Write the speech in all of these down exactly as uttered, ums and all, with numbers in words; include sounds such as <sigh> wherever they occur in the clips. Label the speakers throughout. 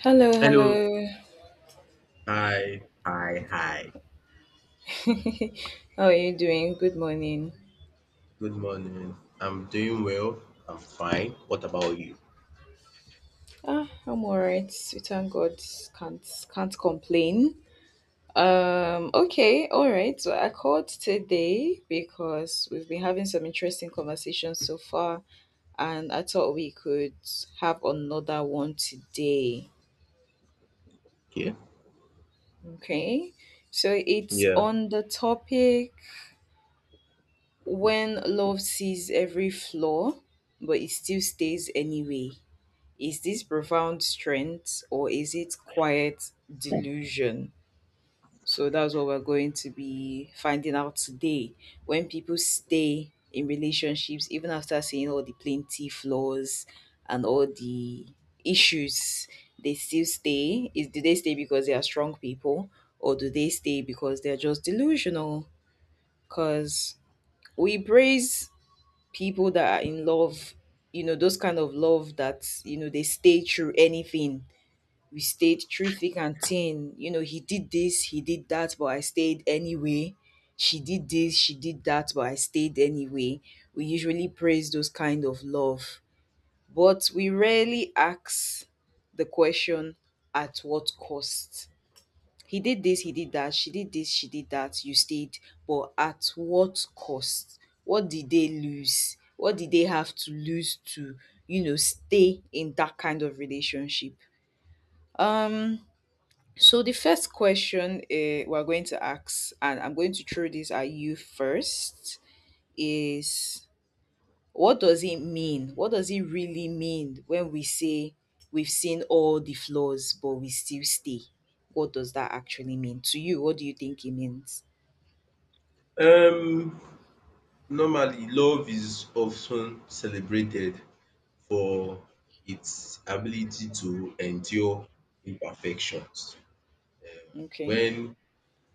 Speaker 1: Hello,
Speaker 2: Hello.
Speaker 1: hello.
Speaker 2: Hi. Hi. Hi.
Speaker 1: <laughs> How are you doing? Good morning.
Speaker 2: Good morning. I'm doing well. I'm fine. What about you?
Speaker 1: Ah, I'm alright. We thank God. Can't can't complain. Um, okay, all right. So I called today because we've been having some interesting conversations so far, and I thought we could have another one today.
Speaker 2: Okay.
Speaker 1: Okay. So it's
Speaker 2: Yeah.
Speaker 1: on the topic when love sees every flaw, but it still stays anyway. Is this profound strength or is it quiet delusion? So that's what we're going to be finding out today. When people stay in relationships, even after seeing all the plenty flaws and all the issues, they still stay. Is do they stay because they are strong people, or do they stay because they're just delusional? Because we praise people that are in love, you know, those kind of love that you know they stay through anything, we stayed through thick and thin. You know, he did this, he did that, but I stayed anyway. She did this, she did that, but I stayed anyway. We usually praise those kind of love, but we rarely ask the question at what cost. He did this, he did that, she did this, she did that, you stayed, but at what cost? What did they lose? What did they have to lose to, you know, stay in that kind of relationship? Um, so the first question uh, we're going to ask, and I'm going to throw this at you first, is what does it mean? What does it really mean when we say we've seen all the flaws but we still stay? What does that actually mean to you? What do you think it means?
Speaker 2: Um. Normally, love is often celebrated for its ability to endure imperfections.
Speaker 1: Okay.
Speaker 2: When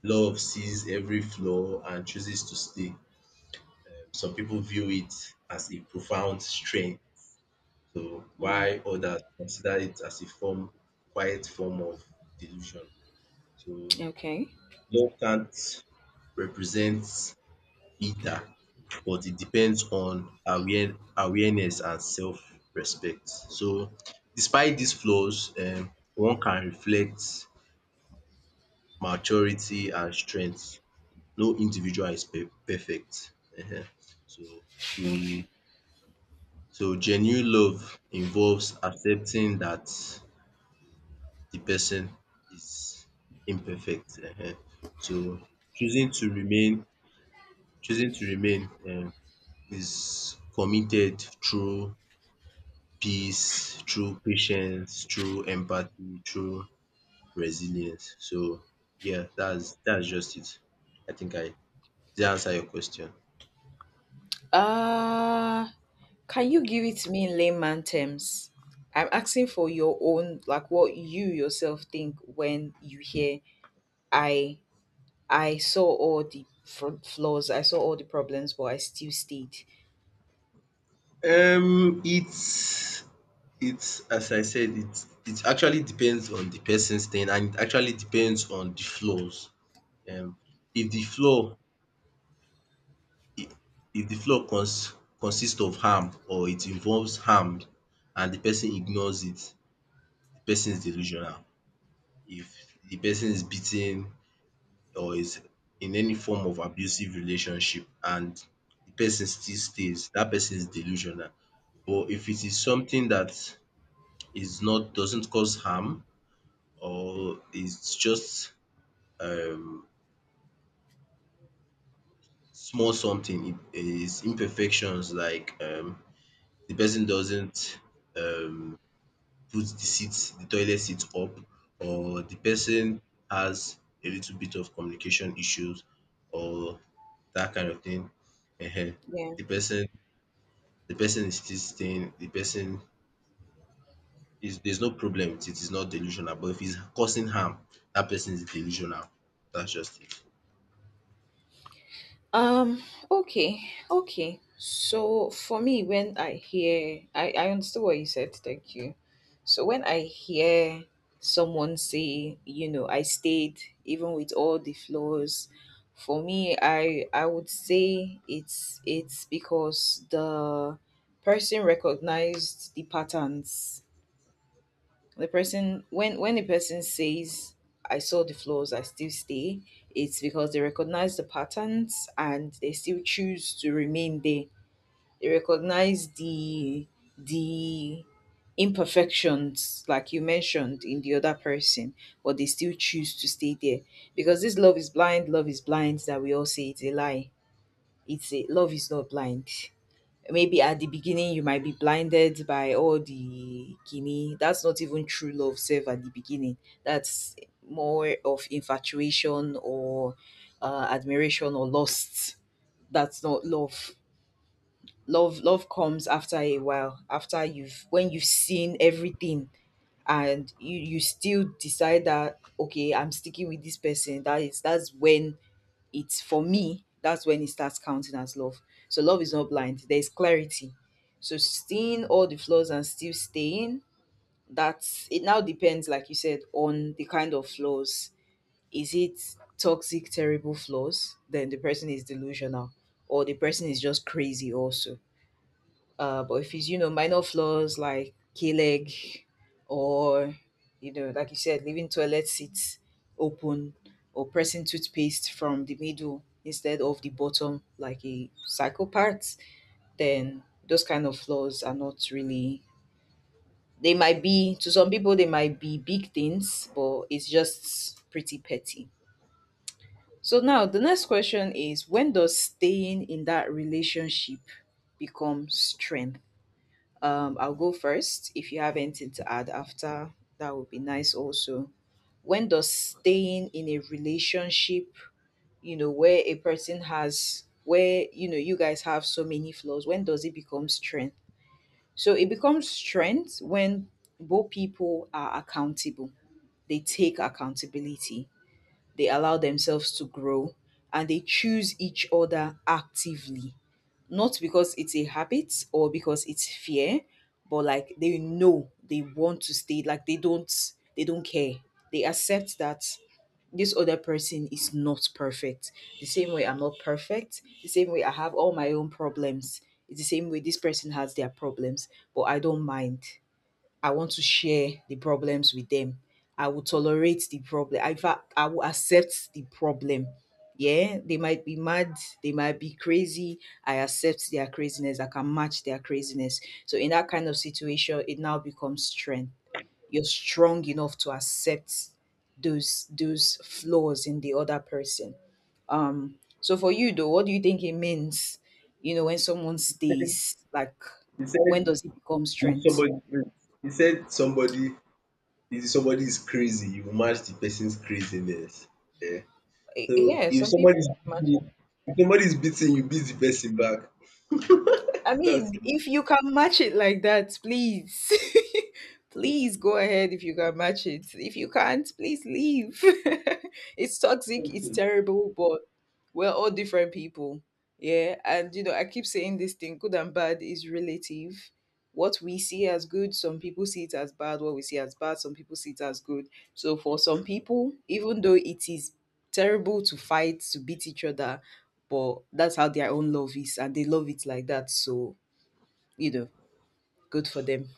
Speaker 2: love sees every flaw and chooses to stay, um, some people view it as a profound strength. So
Speaker 1: Mm,
Speaker 2: while others consider it as a form, quiet form of delusion. So
Speaker 1: okay.
Speaker 2: love can't represent either, but it depends on aware, awareness and self-respect. So despite these flaws, um, one can reflect maturity and strength. No individual is pe- perfect. Ehen. So we so genuine love involves accepting that the person is imperfect um. So choosing to remain choosing to remain um is committed through peace, through patience, through empathy, through resilience. So yeah, that's that's just it. I think I did answer your question?
Speaker 1: Uh can you give it to me in layman terms? I'm asking for your own, like what you yourself think when you hear I I saw all the fr- flaws, I saw all the problems, but I still stayed.
Speaker 2: Um it's it's as I said it it actually depends on the person's thing and it actually depends on the flaws. Um if the flaw i- if the flaw cons consists of harm or it involves harm and the person ignores it, the person is delusional. If the person is beaten or is in any form of abusive relationship and the person still stays, that person is delusional. But if it is something that is not doesn't cause harm or it's just um small something, it is imperfections like um the person doesn't um put the seat, the toilet seat up or the person has a little bit of communication issues or that kind of thing. Ehen.
Speaker 1: Yeah.
Speaker 2: The person the person is still staying, the person is there's no problem with it, it's not delusional, but if it's causing harm, that person is delusional. That's just
Speaker 1: Um. Okay. Okay. So for me, when I hear, I I understood what you said. Thank you. So when I hear someone say, you know, I stayed even with all the flaws, for me, I I would say it's it's because the person recognized the patterns, the person when when the person says I saw the flaws, I still stay, it's because they recognize the patterns and they still choose to remain there. They recognize the the imperfections like you mentioned in the other person, but they still choose to stay there. Because this love is blind, love is blind that we all say, it's a lie. It's a— love is not blind. Maybe at the beginning you might be blinded by all the guinea, that's not even true love self at the beginning. That's more of infatuation or uh, admiration or lust. That's not love. Love love comes after a while, after you've— when you've seen everything and you you still decide that okay, I'm sticking with this person, that is— that's when— it's— for me, that's when it starts counting as love. So love is not blind, there's clarity. So seeing all the flaws and still staying, that's— it now depends, like you said, on the kind of flaws. Is it toxic, terrible flaws? Then the person is delusional, or the person is just crazy also. Uh, but if it's, you know, minor flaws like K-leg, or, you know, like you said, leaving toilet seats open, or pressing toothpaste from the middle instead of the bottom like a psychopath, then those kind of flaws are not really— they might be, to some people, they might be big things, but it's just pretty petty. So now the next question is, when does staying in that relationship become strength? Um, I'll go first. If you have anything to add after, that would be nice also. When does staying in a relationship, you know, where a person has, where, you know, you guys have so many flaws, when does it become strength? So it becomes strength when both people are accountable, they take accountability, they allow themselves to grow, and they choose each other actively, not because it's a habit or because it's fear, but like they know they want to stay, like they don't— they don't care, they accept that this other person is not perfect, the same way I'm not perfect, the same way I have all my own problems. It's the same way this person has their problems, but I don't mind. I want to share the problems with them. I will tolerate the problem. In fact, I will accept the problem. Yeah, they might be mad, they might be crazy. I accept their craziness. I can match their craziness. So in that kind of situation, it now becomes strength. You're strong enough to accept those those flaws in the other person. Um, so for you though, what do you think it means? You know, when someone
Speaker 2: it.
Speaker 1: stays, like
Speaker 2: He
Speaker 1: when
Speaker 2: said
Speaker 1: does it become
Speaker 2: if
Speaker 1: strength?
Speaker 2: somebody he said somebody if somebody is crazy, you match the person's craziness.
Speaker 1: Y-
Speaker 2: So,
Speaker 1: Yeah,
Speaker 2: if
Speaker 1: some people
Speaker 2: somebody is
Speaker 1: match.
Speaker 2: beating if somebody is beating you, beat the person back.
Speaker 1: I mean,
Speaker 2: That's
Speaker 1: if you can match it like that, please, <laughs> please go ahead if you can match it. If you can't, please leave. <laughs> It's toxic, it's
Speaker 2: okay.
Speaker 1: terrible, but we're all different people. Yeah, and you know, I keep saying this thing, good and bad is relative. What we see as good, some people see it as bad. What we see as bad, some people see it as good. So, for some people, even though it is terrible to fight, to beat each other, but that's how their own love is and they love it like that, so you know, good for them,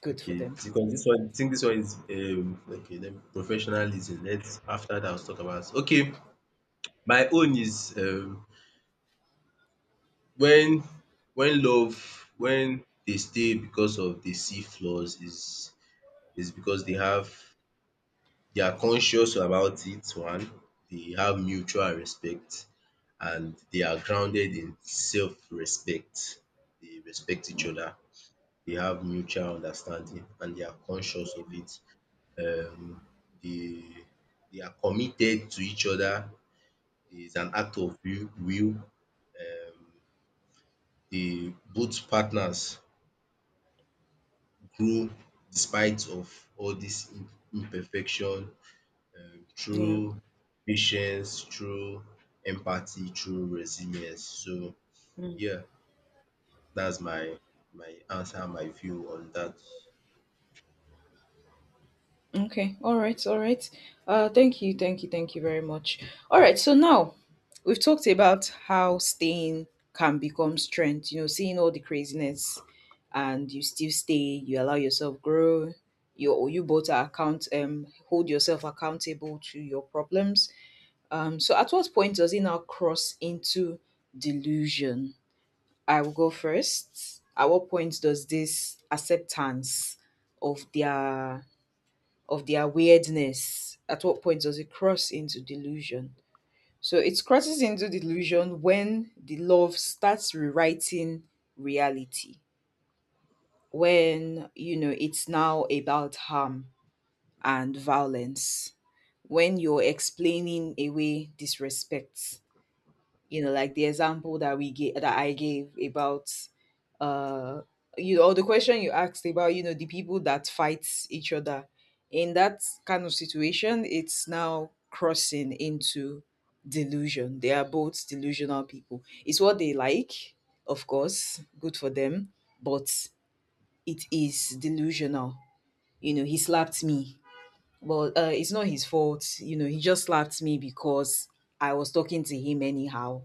Speaker 1: good for
Speaker 2: Okay,
Speaker 1: them.
Speaker 2: because this one, I think this one is um okay. Then me, professionalism. Let's after that, let's talk about. Okay, my own is um when when love when they stay because of they see flaws is is because they have they are conscious about it. One, they have mutual respect, and they are grounded in self-respect. They respect each
Speaker 1: Mm,
Speaker 2: other. They have mutual understanding and they are conscious of it. Um, they they are committed to each other. It's an act of will. will. Um, they both partners grow despite of all this im- imperfection, um,
Speaker 1: yeah.
Speaker 2: through patience, through empathy, through resilience. So
Speaker 1: Mm.
Speaker 2: yeah, That's my my answer, my view on that.
Speaker 1: Okay. All right. All right. Uh, thank you. Thank you. Thank you very much. All right. So now we've talked about how staying can become strength. You know, seeing all the craziness, and you still stay. You allow yourself grow. You— you both are account um hold yourself accountable to your problems. Um, so at what point does it now cross into delusion? I will go first. At what point does this acceptance of their— of their weirdness— at what point does it cross into delusion? So it crosses into delusion when the love starts rewriting reality. When you know it's now about harm and violence. When you're explaining away disrespect, you know, like the example that we gave, that I gave about uh you know, or the question you asked about, you know, the people that fight each other, in that kind of situation it's now crossing into delusion. They are both delusional people, it's what they like, of course, good for them, but it is delusional. You know, he slapped me, well, uh, it's not his fault, you know, he just slapped me because I was talking to him anyhow.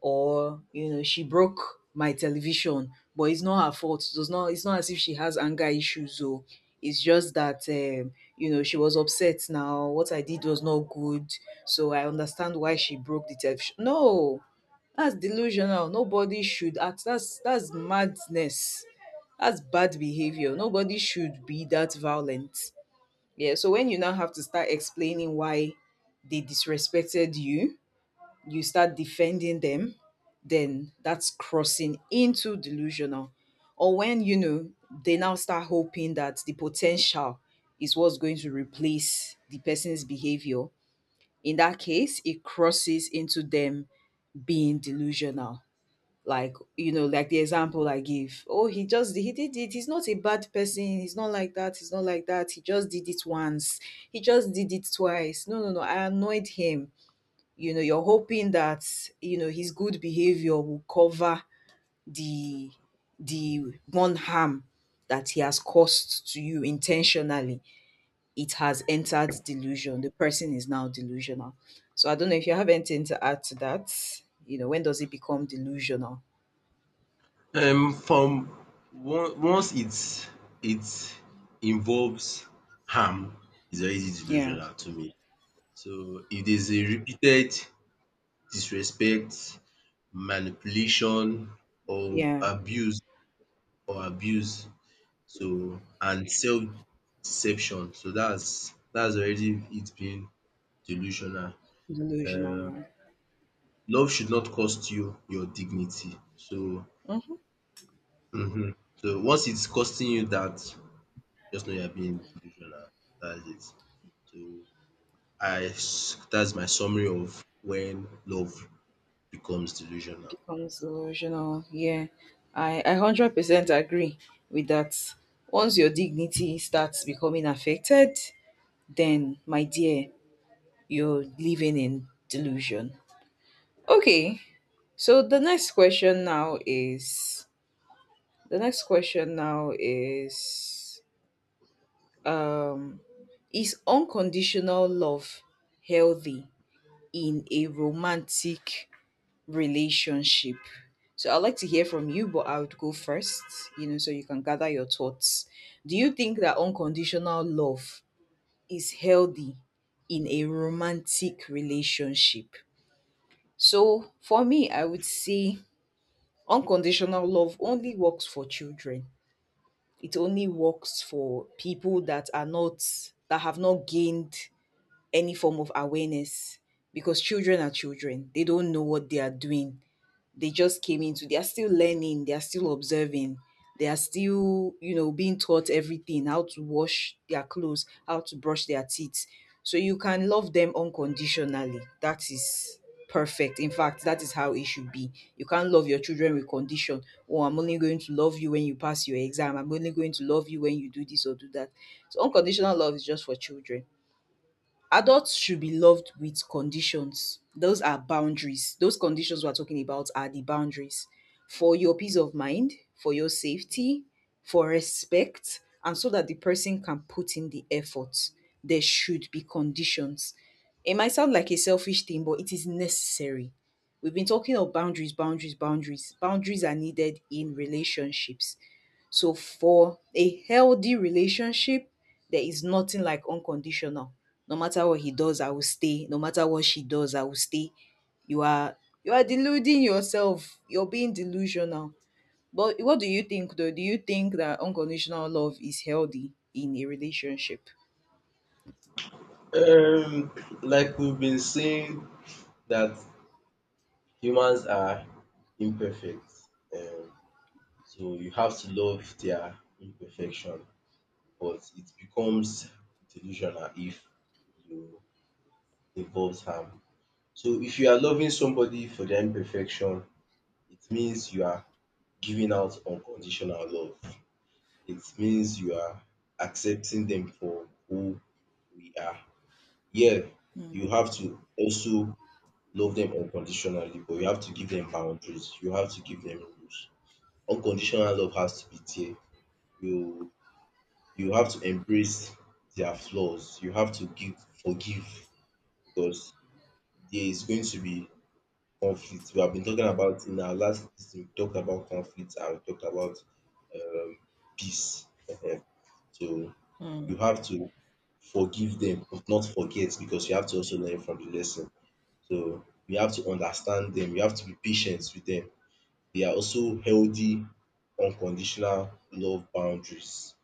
Speaker 1: Or you know, she broke my television, but it's not her fault, it does not— it's not as if she has anger issues, or it's just that, um, you know, she was upset, now what I did was not good, so I understand why she broke the television. No, that's delusional. Nobody should act— that's— that's madness, that's bad behavior, nobody should be that violent. Yeah, so when you now have to start explaining why they disrespected you, you start defending them, then that's crossing into delusional. Or when, you know, they now start hoping that the potential is what's going to replace the person's behavior. In that case, it crosses into them being delusional. Like, you know, like the example I give. Oh, he just— he did it. He's not a bad person. He's not like that. He's not like that. He just did it once. He just did it twice. No, no, no. I annoyed him. You know, you're hoping that, you know, his good behavior will cover the the one harm that he has caused to you intentionally. It has entered delusion, the person is now delusional. So I don't know if you have anything to add to that, you know, when does it become delusional.
Speaker 2: Um, from on- once it's it involves harm, is already
Speaker 1: Yeah.
Speaker 2: delusional to me. So if there's a repeated disrespect, manipulation, or
Speaker 1: Yeah.
Speaker 2: abuse or abuse, so and self deception, so that's that's already it being delusional.
Speaker 1: Delusional,
Speaker 2: Um,
Speaker 1: yeah.
Speaker 2: love should not cost you your dignity. So
Speaker 1: Hmm.
Speaker 2: Mhm. So once it's costing you that, just know you're being delusional. That's it. So I s- that's my summary of when love becomes delusional.
Speaker 1: Becomes delusional, yeah. I i one hundred percent agree with that. Once your dignity starts becoming affected, then my dear, you're living in delusion. Okay, so the next question now is— the next question now is, um, is unconditional love healthy in a romantic relationship? So I'd like to hear from you, but I would go first, you know, so you can gather your thoughts. Do you think that unconditional love is healthy in a romantic relationship? So for me, I would say unconditional love only works for children. It only works for people that are not— that have not gained any form of awareness, because children are children. They don't know what they are doing. They just came into, they are still learning, they are still observing, they are still you know being taught everything, how to wash their clothes, how to brush their teeth. So you can love them unconditionally. That is perfect. In fact, that is how it should be. You can't love your children with condition. Oh, I'm only going to love you when you pass your exam. I'm only going to love you when you do this or do that. So unconditional love is just for children. Adults should be loved with conditions. Those are boundaries. Those conditions we're talking about are the boundaries, for your peace of mind, for your safety, for respect, and so that the person can put in the effort. There should be conditions. It might sound like a selfish thing, but it is necessary. We've been talking of boundaries, boundaries, boundaries. Boundaries are needed in relationships. So for a healthy relationship, there is nothing like unconditional. No matter what he does, I will stay. No matter what she does, I will stay. You are you are deluding yourself. You're being delusional. But what do you think though? Do you think that unconditional love is healthy in a relationship?
Speaker 2: Um, like we've been saying that humans are imperfect. Um, so you have to love their imperfection, but it becomes delusional if you involves harm. So if you are loving somebody for their imperfection, it means you are giving out unconditional love. It means you are accepting them for who we are. Yeah,
Speaker 1: Mm,
Speaker 2: you have to also love them unconditionally, but you have to give them boundaries. You have to give them rules. Unconditional love has to be there. You you have to embrace their flaws. You have to give forgive because there is going to be conflict. We have been talking about in our last this we talked about conflict and we talked about um peace. Ehen. So you
Speaker 1: mm.
Speaker 2: have to forgive them but not forget because you have to also learn from the lesson. So you have to understand them, you have to be patient with them. They are also healthy unconditional love boundaries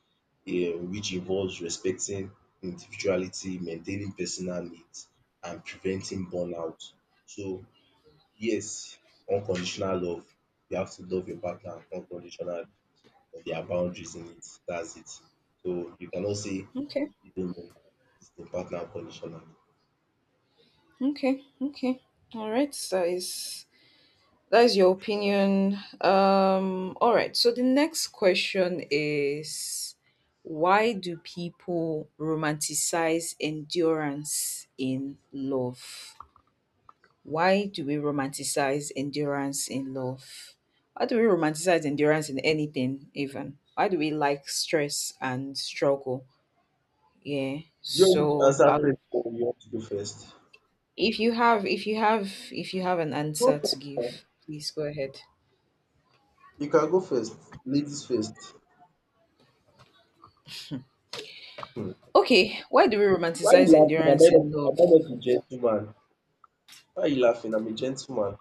Speaker 2: um which involves respecting individuality, maintaining personal needs and preventing burnout. So yes, unconditional love. You have to love your partner unconditional, but there are boundaries in it. That's it. So you cannot say
Speaker 1: Okay.
Speaker 2: you don't love your partner unconditional.
Speaker 1: Okay. Okay. All right. So it's, that is your opinion. Um, all right. So the next question is, why do people romanticize endurance in love? Why do we romanticize endurance in love? Why do we romanticize endurance in anything, even? Why do we like stress and struggle? Yeah.
Speaker 2: Do you want me to
Speaker 1: So, I
Speaker 2: answer first or you want to go first?
Speaker 1: If you have, if you have, if you have an
Speaker 2: Go
Speaker 1: answer to
Speaker 2: first.
Speaker 1: give, please go ahead.
Speaker 2: You can go first. Ladies first. Hmm.
Speaker 1: Okay, why do we
Speaker 2: Why you
Speaker 1: romanticize
Speaker 2: laughing? Am
Speaker 1: endurance
Speaker 2: I not,
Speaker 1: in love?
Speaker 2: am I not a gentleman? Why you laughing? I'm a gentleman.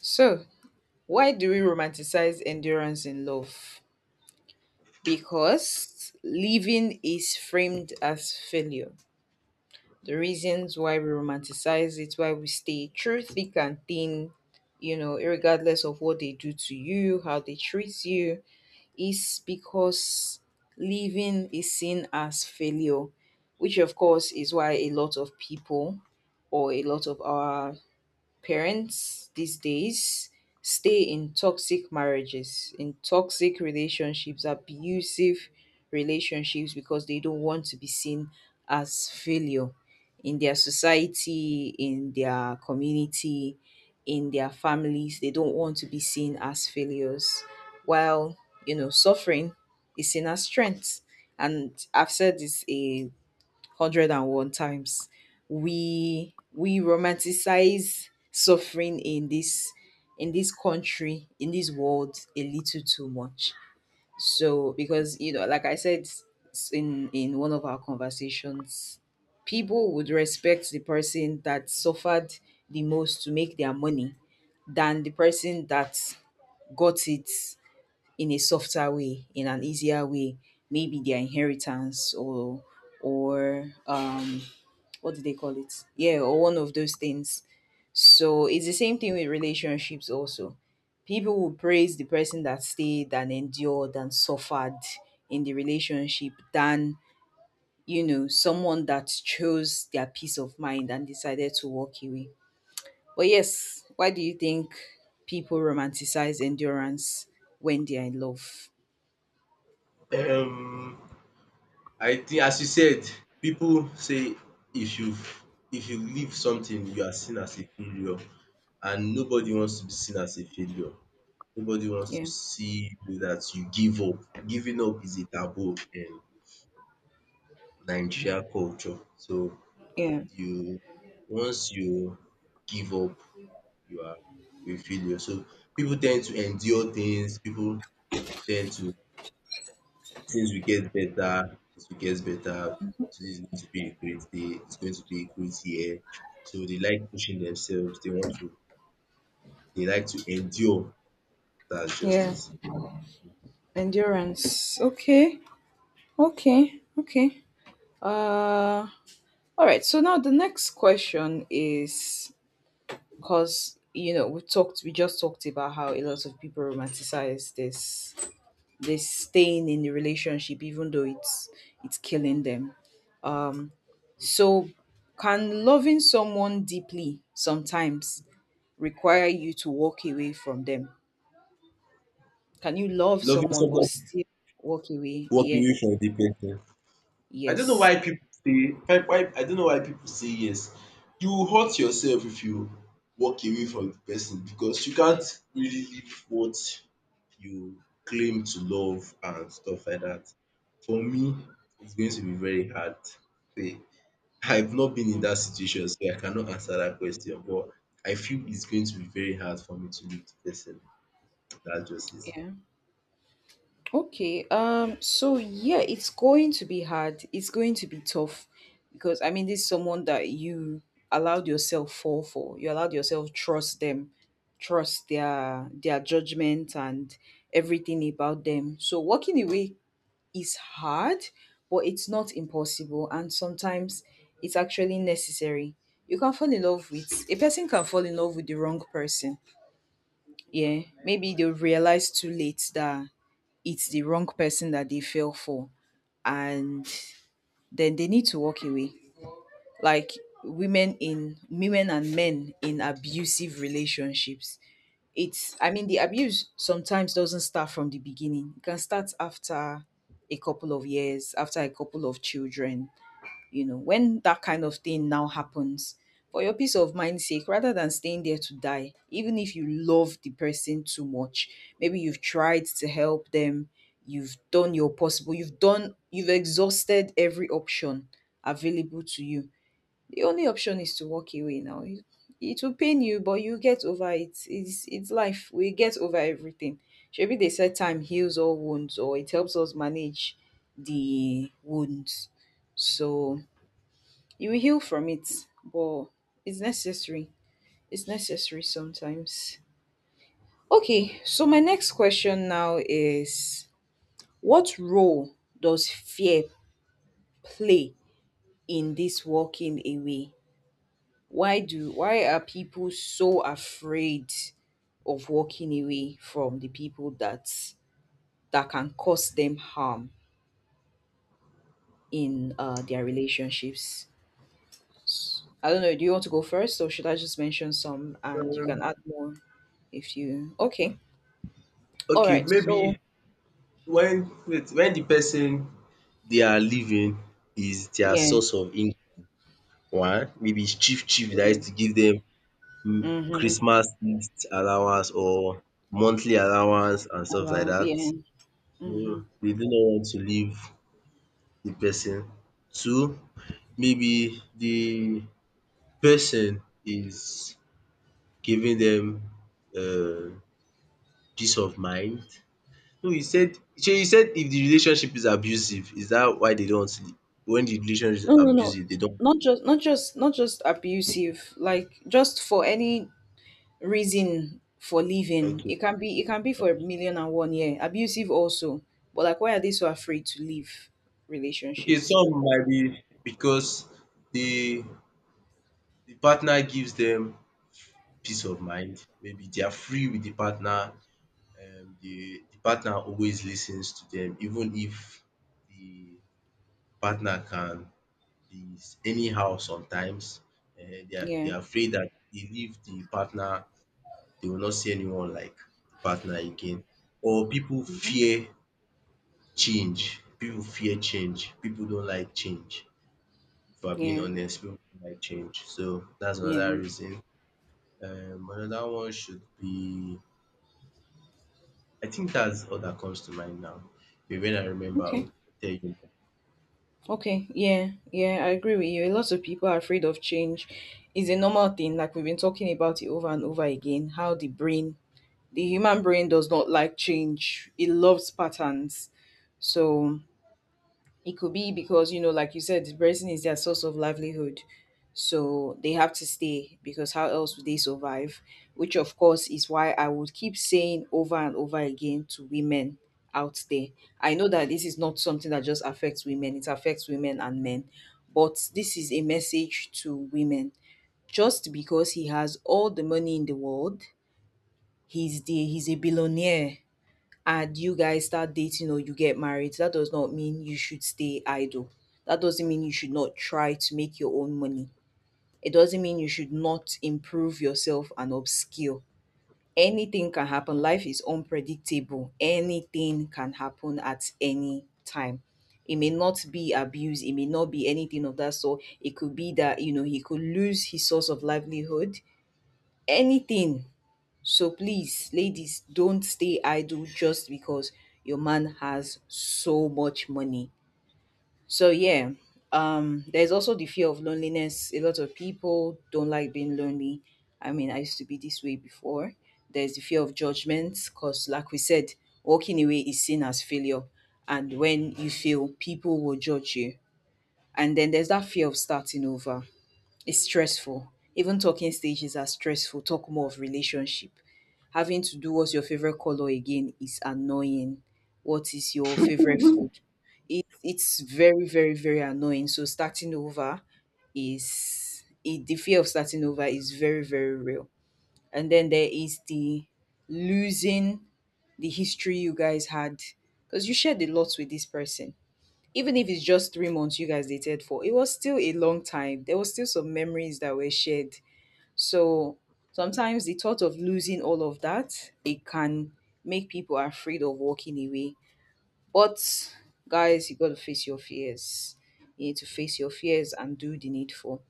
Speaker 1: So, why do we romanticize endurance in love? Because living is framed as failure. The reasons why we romanticize it, why we stay through thick and thin, you know, regardless of what they do to you, how they treat you, is because living is seen as failure, which of course is why a lot of people, or a lot of our parents these days, stay in toxic marriages, in toxic relationships, abusive relationships, because they don't want to be seen as failure in their society, in their community, in their families. They don't want to be seen as failures. While, you know, suffering is seen as strength. And I've said this a 101 times, we we romanticize suffering in this, in this country, in this world a little too much. So because you know like I said, s- in in one of our conversations, people would respect the person that suffered the most to make their money than the person that got it in a softer way, in an easier way, maybe their inheritance or or um, what do they call it? Yeah, or one of those things. So it's the same thing with relationships also. People will praise the person that stayed and endured and suffered in the relationship than, you know, someone that chose their peace of mind and decided to walk away. But yes, why do you think people romanticize endurance when they are in love?
Speaker 2: Um, I think as you said, pipu say if you if you leave something you are seen as a failure and nobody wants to be seen as a failure. Nobody wants to
Speaker 1: Yeah.
Speaker 2: see you that you give up. Giving up is a taboo in Nigeria culture. So
Speaker 1: Yeah.
Speaker 2: you once you give up you are a failure. So pipu ten d to endure things, pipu ten d to since we get better, it we get better. Today's going to be a great day, it's going to be a great year. So they like pushing themselves, they want to they like to endure. That's
Speaker 1: Yeah.
Speaker 2: justice.
Speaker 1: Endurance. Okay. Okay. Okay. Uh All right. So now the next question is, because you know we talked, we just talked about how a lot of people romanticize this, this staying in the relationship, even though it's it's killing them. Um, so, can loving someone deeply sometimes require you to walk away from them? Can you love
Speaker 2: Loving
Speaker 1: someone but
Speaker 2: someone
Speaker 1: still walk away? Yeah.
Speaker 2: walking away from the person, I don't know
Speaker 1: Yes.
Speaker 2: why people say why why I don't know why people say yes. You will hurt yourself if you walk away from the person because you can't really live what you claim to love and stuff like that. For me, it's going to be very hard. See, I've not been in
Speaker 1: Mm.
Speaker 2: that situation, so I cannot answer that question. But I feel it's going to be very hard for me to leave the person. That's just it.
Speaker 1: Yeah. Okay, um, so yeah, it's going to be hard. It's going to be tough because I mean, this is someone that you allowed yourself fall for. You allowed yourself trust them, trust their their judgment and everything about them. So walking away is hard, but it's not impossible. And sometimes it's actually necessary. You can fall in love with a person, can fall in love with the wrong person. Yeah, maybe they'll realize too late that it's the wrong person that they fell for, and then they need to walk away, like women in, women and men in abusive relationships. It's, I mean, the abuse sometimes doesn't start from the beginning. It can start after a couple of years, after a couple of children. you know when that kind of thing now happens, for your peace of mind sake, rather than staying there to die even if you love the person too much, maybe you've tried to help them, you've done your possible, you've done, you've exhausted every option available to you, the only option is to walk away now. You- it will pain you, but you get over it. It's it's life, we get over everything. Maybe they said time heals all wounds, or it helps us manage the wounds. So you will heal from it, but it's necessary. It's necessary sometimes. Okay, so my next question now is, what role does fear play in this walking away? Why do why are people so afraid of walking away from the people that, that can cause them harm in uh, their relationships? S- I don't know. Do you want to go first, or should I just mention some and you can add more? If you okay, all
Speaker 2: Okay,
Speaker 1: right. So
Speaker 2: maybe when wait, when the person their living is their
Speaker 1: yeah,
Speaker 2: source of income. One, maybe it's chief chief that
Speaker 1: yeah,
Speaker 2: used to give them mm,
Speaker 1: mm-hmm.
Speaker 2: Christmas gift allowance or monthly allowance and stuff like
Speaker 1: Allow,
Speaker 2: that.
Speaker 1: yeah,
Speaker 2: So
Speaker 1: mm-hmm.
Speaker 2: they do not want to leave the person. Two, maybe the person is giving them um peace of mind. No, you said shey you said if the relationship is abusive, is that why they don't want to leave? When the relationship is
Speaker 1: No, no, no.
Speaker 2: abusive, they don't.
Speaker 1: Not just not just not just abusive, like just for any reason for leaving.
Speaker 2: Okay.
Speaker 1: It can be it can be for a million and one. Yeah, abusive also, but like, why are they so afraid to leave
Speaker 2: Okay,
Speaker 1: relationships?
Speaker 2: some might be because the the partner gives them peace of mind. Maybe they are free with the partner. Um, the the partner always listens to them, even if the partner can be anyhow sometimes. Uh, they are they
Speaker 1: Yeah.
Speaker 2: are afraid that they leave the partner, they will not see anyone like the partner again. Or people
Speaker 1: Hmm.
Speaker 2: fear change. People fear change. People don't like change. If we're being
Speaker 1: Yeah.
Speaker 2: honest, people don't like change. So that's
Speaker 1: Yeah.
Speaker 2: another reason. Um, another one should be, I think that's all that comes to mind now. Maybe when I remember, I'll
Speaker 1: Okay.
Speaker 2: tell you.
Speaker 1: Okay, yeah, yeah, I agree with you. A lot of people are afraid of change. It's a normal thing, like we've been talking about it over and over again, how the brain, the human brain does not like change. It loves patterns. So it could be because, you know, like you said, the person is their source of livelihood. So they have to stay because how else would they survive? Which, of course, is why I would keep saying over and over again to women out there. I know that this is not something that just affects women, it affects women and men. But this is a message to women. Just because he has all the money in the world, he's the he's a billionaire and you guys start dating or you get married, that does not mean you should stay idle. That doesn't mean you should not try to make your own money. It doesn't mean you should not improve yourself and upskill. Anything can happen. Life is unpredictable. Anything can happen at any time. It may not be abuse, it may not be anything of that sort. It could be that, you know, he could lose his source of livelihood. Anything, so please, ladies, don't stay idle just because your man has so much money. So yeah, um, there's also the fear of loneliness. A lot of people don't like being lonely. I mean, I used to be this way before. There's the fear of judgment, because like we said, walking away is seen as failure. And when you fail, people will judge you. And then there's that fear of starting over. It's stressful. Even talking stages are stressful. Talk more of relationship. Having to do what's your favorite color again is annoying. What is your favorite food? It, it's very, very, very annoying. So starting over is it, the fear of starting over is very, very real. And then there is the losing the history you guys had, because you shared a lot with this person. Even if it's just three months you guys dated for, it was still a long time. There was still some memories that were shared. So sometimes the thought of losing all of that, it can make people afraid of walking away. But guys, you gotta face your fears. You need to face your fears and do the needful.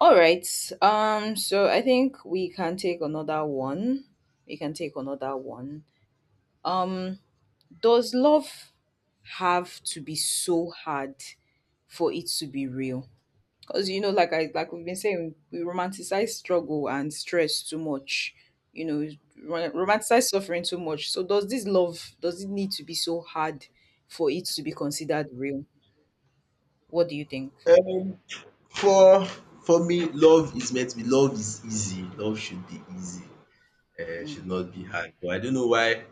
Speaker 1: All right. Um. So I think we can take another one. We can take another one. Um. Does love have to be so hard for it to be real? Because you know like I, like we've been saying, we romanticize struggle and stress too much. you know ro- romanticize suffering too much. So does this love, does it need to be so hard for it to be considered real? What do you think?
Speaker 2: Uh, for for me, love is meant to be. Love is easy. Love should be easy. Uh,
Speaker 1: Mm,
Speaker 2: should not be hard. But I don't know why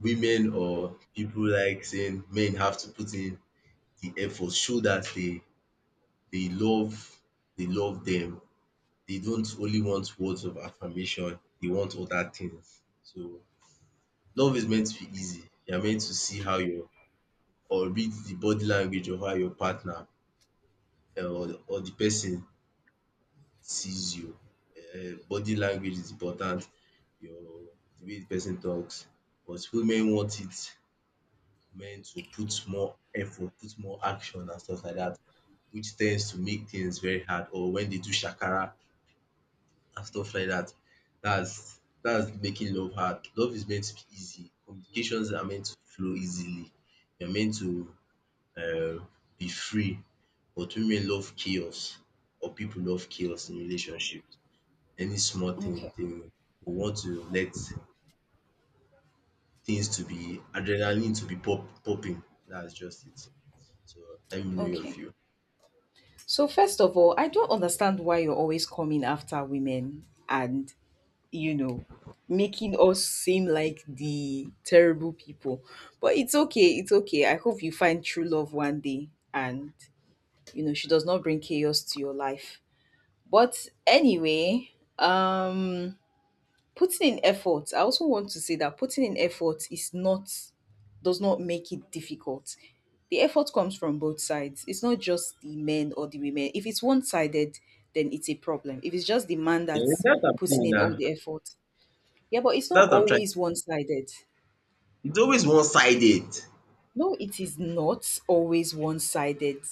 Speaker 2: women or people like saying men have to put in the effort, show that they they love they love them. They don't only want words of affirmation, they want other things. So love is meant to be easy. You're meant to see how your or read the body language of how your partner eh, or, or the person sees you. Eh, body language is important, your the way the person talks. But women want it men to put more effort, put more action and stuff like that, which tends to make things very hard. Or when they do shakara, and stuff like that. That's that's making love hard. Love is meant to be easy. Communications are meant to flow easily. You're meant to um be free. But women love chaos or people love chaos in relationships. Any small thing
Speaker 1: okay.
Speaker 2: they will want to let things to be adrenaline to be pop popping. That's just it. So let me know your
Speaker 1: Okay,
Speaker 2: view.
Speaker 1: so first of all, I don't understand why you're always coming after women and, you know making us seem like the terrible people. But it's okay, it's okay. I hope you find true love one day and, you know she does not bring chaos to your life. But anyway, um putting in effort, I also want to say that putting in effort is not, does not make it difficult. The effort comes from both sides. It's not just the men or the women. If it's one-sided, then it's a problem. If it's just the man
Speaker 2: Yeah,
Speaker 1: that's
Speaker 2: that I'm
Speaker 1: putting
Speaker 2: saying
Speaker 1: in all
Speaker 2: now.
Speaker 1: the effort, yeah, but it's not
Speaker 2: That I'm trying.
Speaker 1: always one-sided.
Speaker 2: It's always one sided.
Speaker 1: No, it is not always one-sided.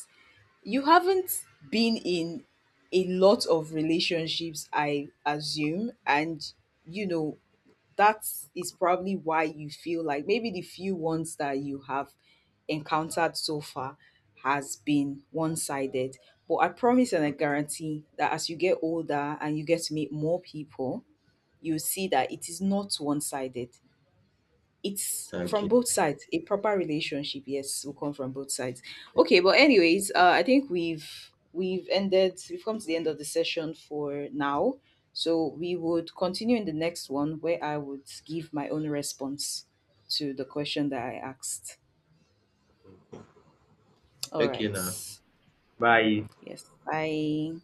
Speaker 1: You haven't been in a lot of relationships, I assume, and you know that is probably why you feel like maybe the few ones that you have encountered so far has been one sided. But I promise and I guarantee that as you get older and you get to meet more people, you see that it is not one sided, it's from
Speaker 2: Okay.
Speaker 1: both sides. A proper relationship, yes, will come from both sides. Okay, but anyways, uh, I think we've we've ended. We've come to the end of the session for now. So we would continue in the next one where I would give my own response to the question that I asked. All
Speaker 2: Okay
Speaker 1: right.
Speaker 2: now. Bye.
Speaker 1: Yes. Bye.